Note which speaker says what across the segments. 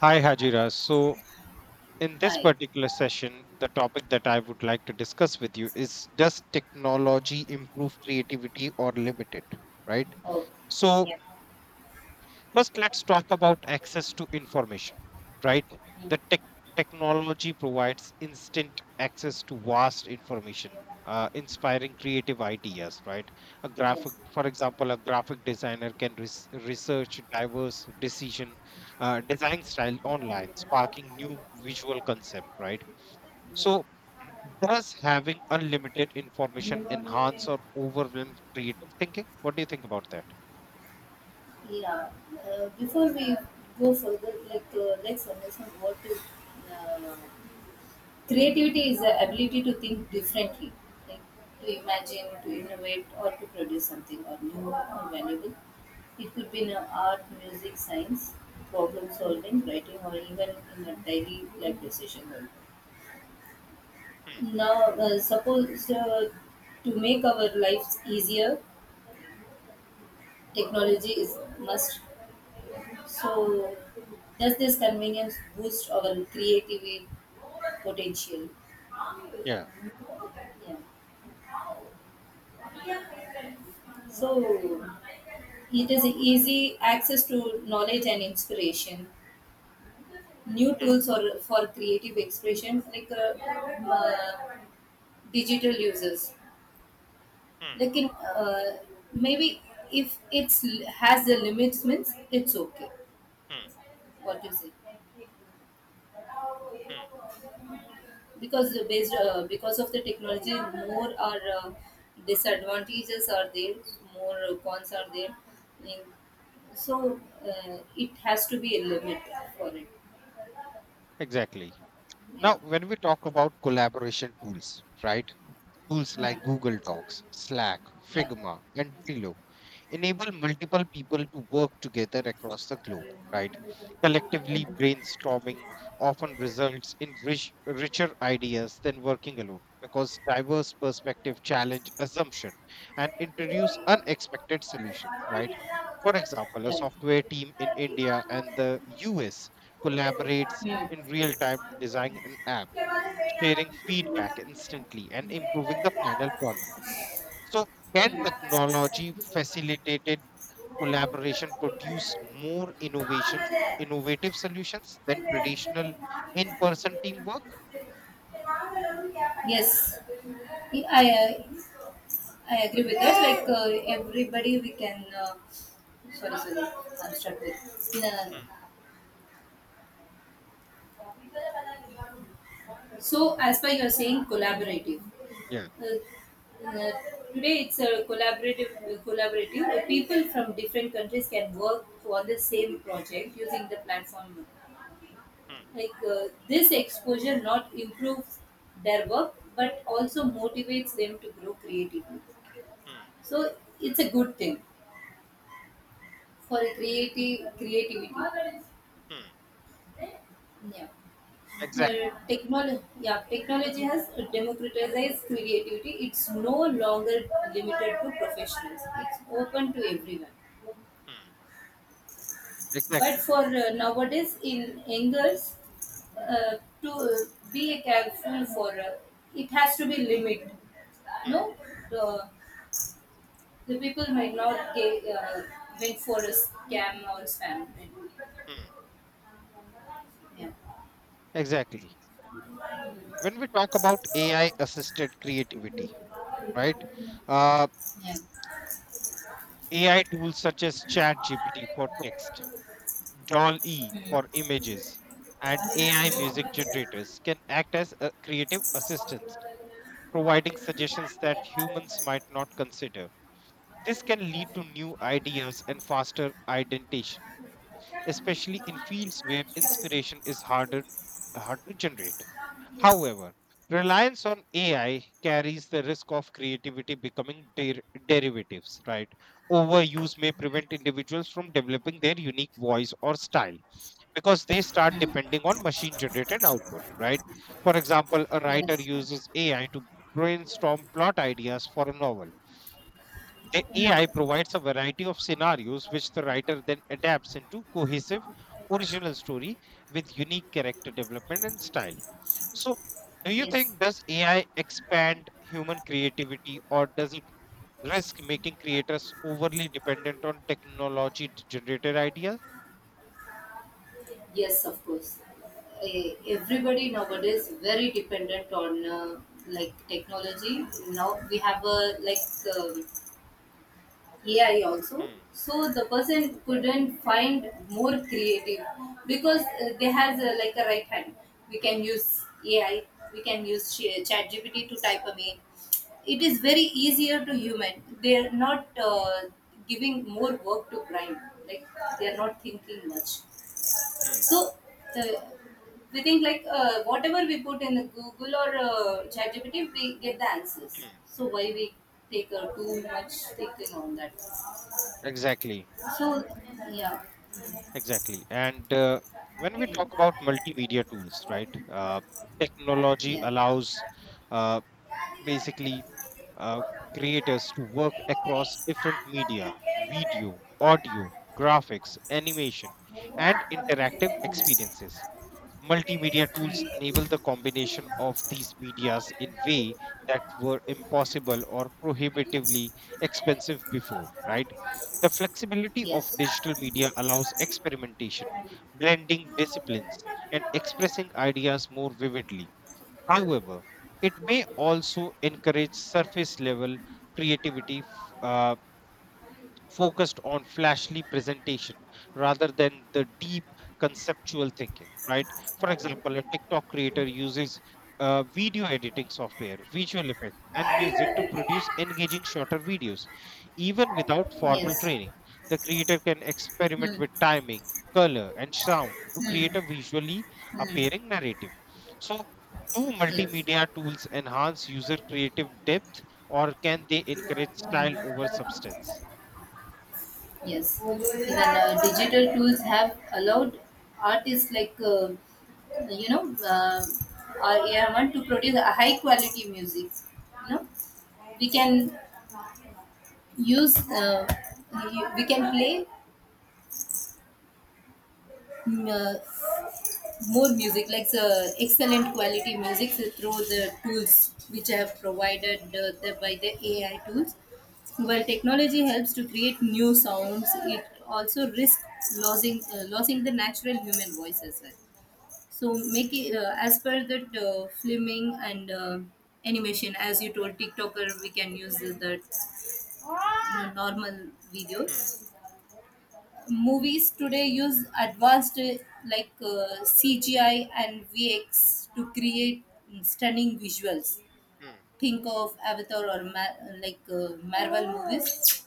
Speaker 1: Hi, Hajira. So, in this
Speaker 2: Hi.
Speaker 1: particular session, the topic that I would like to discuss with you is, does technology improve creativity or limit it, right?
Speaker 2: Oh,
Speaker 1: So,
Speaker 2: yeah.
Speaker 1: first, let's talk about access to information, right?
Speaker 2: mm,
Speaker 1: The technology provides instant access to vast information, inspiring creative ideas, right? A graphic,
Speaker 2: yes.
Speaker 1: for example, a graphic designer can research diverse decision, design style online, sparking new visual concept, right?
Speaker 2: No.
Speaker 1: So, does having unlimited information enhance or overwhelm creative thinking? What do you think about that?
Speaker 2: Yeah. Before we go further, let's understand what is uh, creativity is the ability to think differently, like to imagine, to innovate, or to produce something or new or valuable. It could be in art, music, science, problem solving, writing, or even in a daily life decision. Now, suppose to make our lives easier, technology is must. So, does this convenience boost our creativity potential?
Speaker 1: Yeah.
Speaker 2: Yeah. So, it is easy access to knowledge and inspiration. New tools or for creative expression like digital users.
Speaker 1: Hmm.
Speaker 2: Like in maybe if it's has the limits means it's okay.
Speaker 1: Hmm.
Speaker 2: What do you say?
Speaker 1: Hmm.
Speaker 2: Because based because of the technology, more are disadvantages are there, more cons are there. And so uh, it has to be a limit for
Speaker 1: Exactly.
Speaker 2: it. Yeah,
Speaker 1: Now, when we talk about collaboration tools, right? Tools like Google Docs, Slack,
Speaker 2: yeah.
Speaker 1: Figma, and Trello enable multiple people to work together across the globe, right? Collectively brainstorming often results in richer ideas than working alone, because diverse perspective challenge assumption and introduce unexpected solutions,
Speaker 2: Right.
Speaker 1: right? For example, a software team in India and the US collaborates in real time to design an app, sharing feedback instantly and improving the final product. So, can technology facilitated collaboration produce
Speaker 2: ಆಮೇಲೆ.
Speaker 1: innovative solutions than traditional in person teamwork?
Speaker 2: Yes, I agree with that. Everybody, we can. Sorry, sorry. I'm stuck with. No, no, no.
Speaker 1: Hmm.
Speaker 2: So, as per you're saying, collaborative.
Speaker 1: Yeah.
Speaker 2: Uh, uh, Today, it's a collaborative. Collaborative. People from different countries can work on the same project using the platform
Speaker 1: Hmm.
Speaker 2: like this exposure not improves their work but also motivates them to grow creatively,
Speaker 1: Hmm.
Speaker 2: so it's a good thing for creative creativity.
Speaker 1: Hmm.
Speaker 2: Yeah.
Speaker 1: Exactly.
Speaker 2: Technology, technology has democratized creativity. It's no longer limited to professionals, it's open to everyone.
Speaker 1: Hmm.
Speaker 2: But
Speaker 1: Exactly.
Speaker 2: for nowadays in angers, to be careful for it has to be limit.
Speaker 1: Hmm.
Speaker 2: No, the the people might not get went for a scam or spam.
Speaker 1: Hmm.
Speaker 2: Yeah,
Speaker 1: Exactly. When we talk about AI assisted creativity, right? Uh,
Speaker 2: yeah.
Speaker 1: AI tools such as ChatGPT for text, Doll E
Speaker 2: Hmm.
Speaker 1: for images, and AI music generators can act as a creative assistants, providing suggestions that
Speaker 2: Hmm.
Speaker 1: humans might not consider. This can lead to new ideas and faster identification, especially in fields where inspiration is
Speaker 2: Mm,
Speaker 1: hard to generate.
Speaker 2: yes.
Speaker 1: However, reliance on AI carries the risk of creativity becoming derivatives, right? Overuse may prevent individuals from developing their unique voice or style, because they start depending on machine generated output, right? For example, a writer uses AI to brainstorm plot ideas for a novel. The
Speaker 2: Mm,
Speaker 1: AI provides a variety of scenarios which the writer then adapts into cohesive original story with unique character development and style. So, do you
Speaker 2: yes.
Speaker 1: think, does AI expand human creativity, or does it risk making creators overly dependent on technology generated ideas?
Speaker 2: Yes, of course. Eh, everybody nowadays very dependent on like technology. Now we have a like um, AI also.
Speaker 1: Hmm.
Speaker 2: So the person couldn't find more creative because they has a, like a right hand. We can
Speaker 1: Hmm.
Speaker 2: use AI. We can use ChatGPT to type a mail. It
Speaker 1: Hmm.
Speaker 2: is very easier to human. They are not giving more work to brain. Like they are not thinking much.
Speaker 1: Hmm.
Speaker 2: So uh, we think like whatever we put in the Google or ChatGPT, we get the answers.
Speaker 1: Mm.
Speaker 2: So why we take too much thinking on that?
Speaker 1: Exactly,
Speaker 2: So, yeah,
Speaker 1: exactly. And when we talk about
Speaker 2: yeah,
Speaker 1: multimedia tools, right? Technology
Speaker 2: yeah.
Speaker 1: allows, uh, basically, uh, creators to work across different media, video, audio, graphics, animation, and interactive experiences. Multimedia tools enable the combination of these medias in way that were impossible or prohibitively expensive before, right? The flexibility of digital media allows experimentation,
Speaker 2: Mm.
Speaker 1: blending
Speaker 2: Mm.
Speaker 1: disciplines, and
Speaker 2: Yes.
Speaker 1: expressing ideas more vividly. However, it may also encourage surface level creativity focused on flashy presentation rather than the deep conceptual thinking, right? For example, a tiktok creator uses, video editing software, visual effects, and music to produce engaging shorter videos. Even without
Speaker 2: Yes.
Speaker 1: formal training, the creator can experiment
Speaker 2: Hmm.
Speaker 1: with timing, color, and sound to
Speaker 2: Hmm.
Speaker 1: create a visually
Speaker 2: Hmm.
Speaker 1: appearing narrative. So, do
Speaker 2: Yes.
Speaker 1: multimedia tools enhance user creative depth, or can they encourage style over substance?
Speaker 2: Yes. Even digital tools have allowed artists like you know uh, or yeah, want to produce a high quality music. You know, we can use we can play more music, like the excellent quality music through the tools which I have provided by the AI tools. While technology helps to create new sounds, it also risks losing the natural human voice as well. So make it as per the filming and animation, as you told TikToker, we can use the normal
Speaker 1: Hmm.
Speaker 2: videos. Movies today use advanced CGI and VX to create stunning visuals.
Speaker 1: Hmm,
Speaker 2: Think of Avatar or Marvel movies,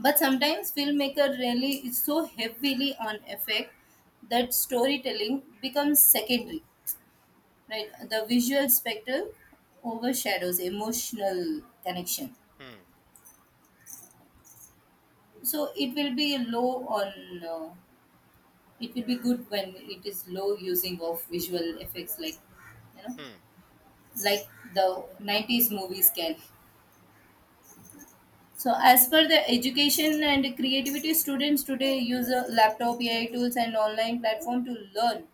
Speaker 2: but sometimes filmmaker really is so heavily on effect that storytelling becomes secondary. Right, the visual spectrum overshadows emotional connection,
Speaker 1: hmm,
Speaker 2: so it will be low on it will be good when it is low using of visual effects like you know,
Speaker 1: hmm,
Speaker 2: like the 90s movies can. So as per the education and creativity, students today use a laptop, AI tools and online platform to learn.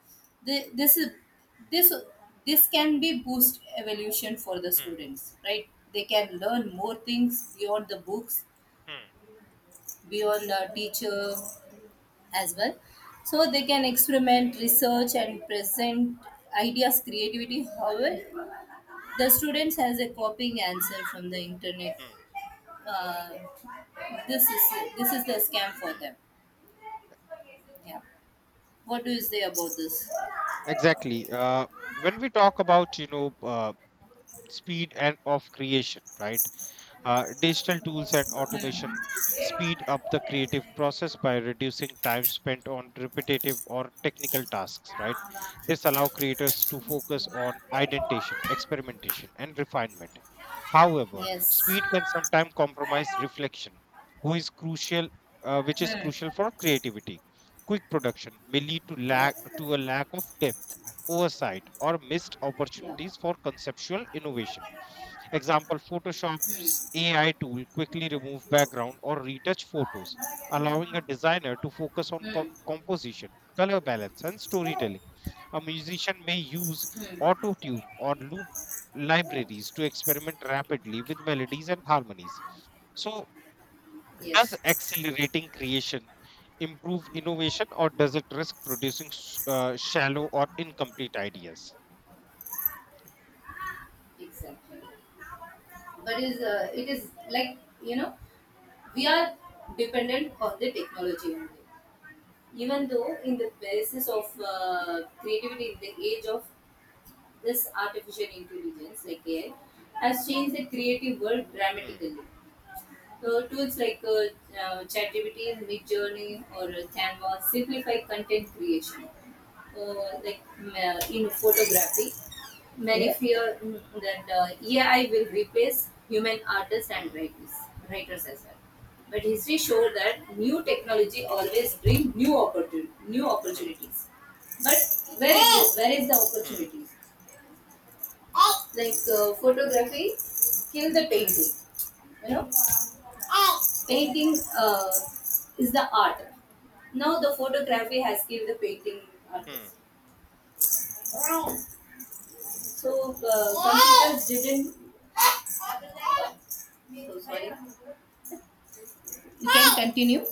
Speaker 2: This is this this can be boost evolution for the
Speaker 1: hmm,
Speaker 2: students, right? They can learn more things beyond the books,
Speaker 1: hmm,
Speaker 2: beyond a teacher as well, so they can experiment, research and present ideas creativity. However, the students has a copying answer from the internet,
Speaker 1: hmm,
Speaker 2: uh, this is this is the scam for
Speaker 1: hmm.
Speaker 2: them. Yeah, what do you say about this?
Speaker 1: Exactly. When we talk about, speed and of creation, right? Digital tools and automation
Speaker 2: Hmm.
Speaker 1: speed up the creative process by reducing time spent on repetitive or technical tasks, right? This allow creators to focus on identification, experimentation, and refinement. However,
Speaker 2: Yes.
Speaker 1: speed can sometimes compromise reflection, who is crucial, which is
Speaker 2: Hmm.
Speaker 1: crucial for creativity. Quick production may lead to lack
Speaker 2: Yes.
Speaker 1: to a lack of depth, oversight, or missed
Speaker 2: Yeah.
Speaker 1: opportunities for conceptual innovation. Example, Photoshop's AI tool quickly remove background or retouch photos, allowing a designer to focus on
Speaker 2: Hmm. Hmm.
Speaker 1: composition, color balance, and storytelling. A musician may use
Speaker 2: Hmm.
Speaker 1: auto tune or loop libraries to experiment rapidly with melodies and harmonies. So, does
Speaker 2: Yes.
Speaker 1: accelerating creation improve innovation, or does it risk producing shallow or incomplete ideas?
Speaker 2: Exactly. But is it is like you know we are dependent on the technology only. Even though in the basis of creativity, in the age of this artificial intelligence, like AI, has changed the creative world
Speaker 1: Hmm,
Speaker 2: dramatically. Tools like ChatGPT, Midjourney, or Canva simplify content creation, in
Speaker 1: hmm,
Speaker 2: photography. Many yeah fear that AI will replace human artists and
Speaker 1: hmm,
Speaker 2: writers, writers as well. But history shows that new technology always brings new
Speaker 1: hmm,
Speaker 2: opportunities. But where is the
Speaker 1: hmm,
Speaker 2: opportunity? Like photography kill the
Speaker 1: hmm,
Speaker 2: painting, you know, painting is the art. Now the photography has killed the painting
Speaker 1: hmm,
Speaker 2: artist. So computers didn't, so sorry, you
Speaker 1: hmm.
Speaker 2: can continue.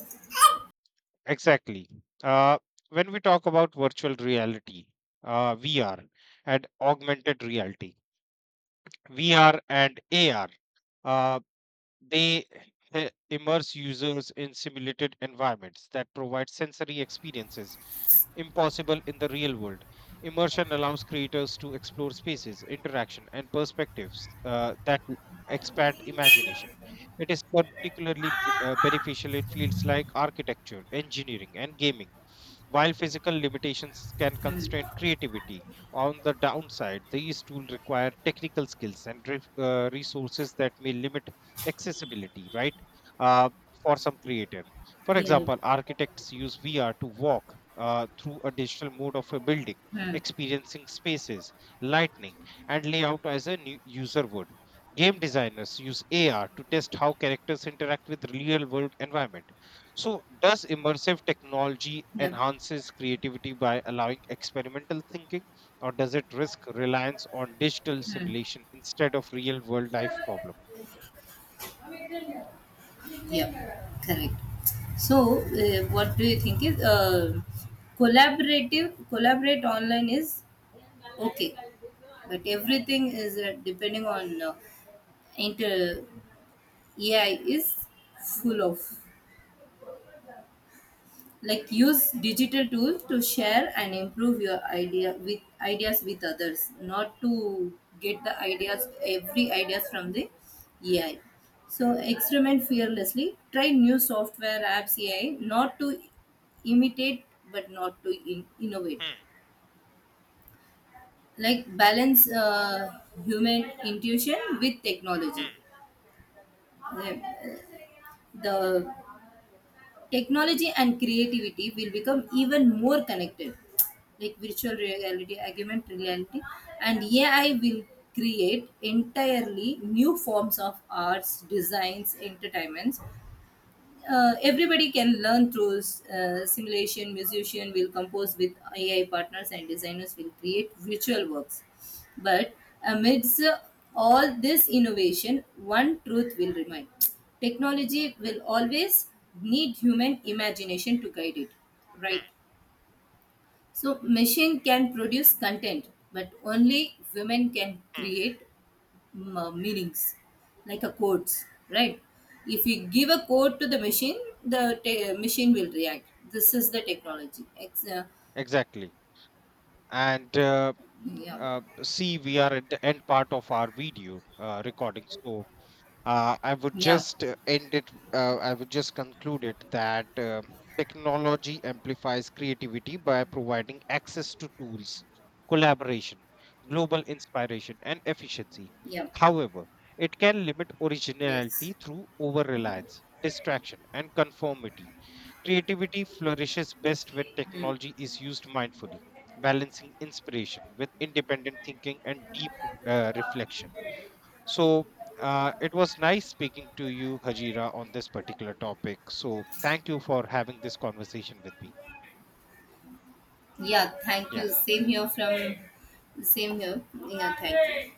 Speaker 1: Exactly. Uh, when we talk about virtual reality, VR, and augmented reality, VR and AR, uh, they immerse users in simulated environments that provide sensory experiences impossible in the real world. Immersion allows creators to explore spaces, interaction, and perspectives expand imagination. It is particularly beneficial in fields like architecture, engineering, and gaming. While physical limitations can constrain creativity, on the downside, these tools require technical skills and resources that may limit accessibility, right? Uh, for some creator. For
Speaker 2: Yeah.
Speaker 1: example, architects use VR to walk through a digital mode of a building,
Speaker 2: Hmm.
Speaker 1: experiencing spaces, lighting, and layout as a new user would. Game designers use AR to test how characters interact with real world environment. So, does immersive technology
Speaker 2: Yeah.
Speaker 1: enhances creativity by allowing experimental thinking, or does it risk reliance on digital simulation instead of real world life problem?
Speaker 2: Hmm. Yep, correct. So, what do you think is collaborative? Collaborate online is okay, but everything is depending on inter AI is full of like use digital tools to share and improve your idea with ideas with others, not to get the ideas every ideas from the AI. So experiment fearlessly, try new software apps AI, not to imitate, but not to innovate.
Speaker 1: Hmm,
Speaker 2: Like balance human intuition with technology.
Speaker 1: hmm,
Speaker 2: Uh, the technology and creativity will become even more connected, like virtual reality, augmented reality and AI will create entirely new forms of arts, designs, entertainments. Uh, everybody can learn through simulation. Musician will compose with AI partners and designers will create virtual works. But amidst all this innovation, one truth will remain: technology will always need human imagination to guide it,
Speaker 1: hmm,
Speaker 2: right? So machine can produce content, but only women can
Speaker 1: hmm.
Speaker 2: create meanings, like a quotes, right? If you give a quote to the machine, the machine will react. This is the technology.
Speaker 1: Exactly. And
Speaker 2: Yeah,
Speaker 1: See, we are at the end part of our video recording, so I would
Speaker 2: yeah,
Speaker 1: just end it. I would just conclude it that, technology amplifies creativity by providing access to tools, collaboration, global inspiration, and efficiency.
Speaker 2: yeah,
Speaker 1: However, it can limit
Speaker 2: yes.
Speaker 1: originality through over reliance, distraction, and conformity. Creativity flourishes best when
Speaker 2: Mm.
Speaker 1: technology is used mindfully, balancing inspiration with independent thinking and deep, reflection. So, it was nice speaking to you, Hajira, on this particular topic. So thank you for having this conversation with me.
Speaker 2: Yeah, thank
Speaker 1: Yeah.
Speaker 2: you. Same here from, same here. Yeah, thank you.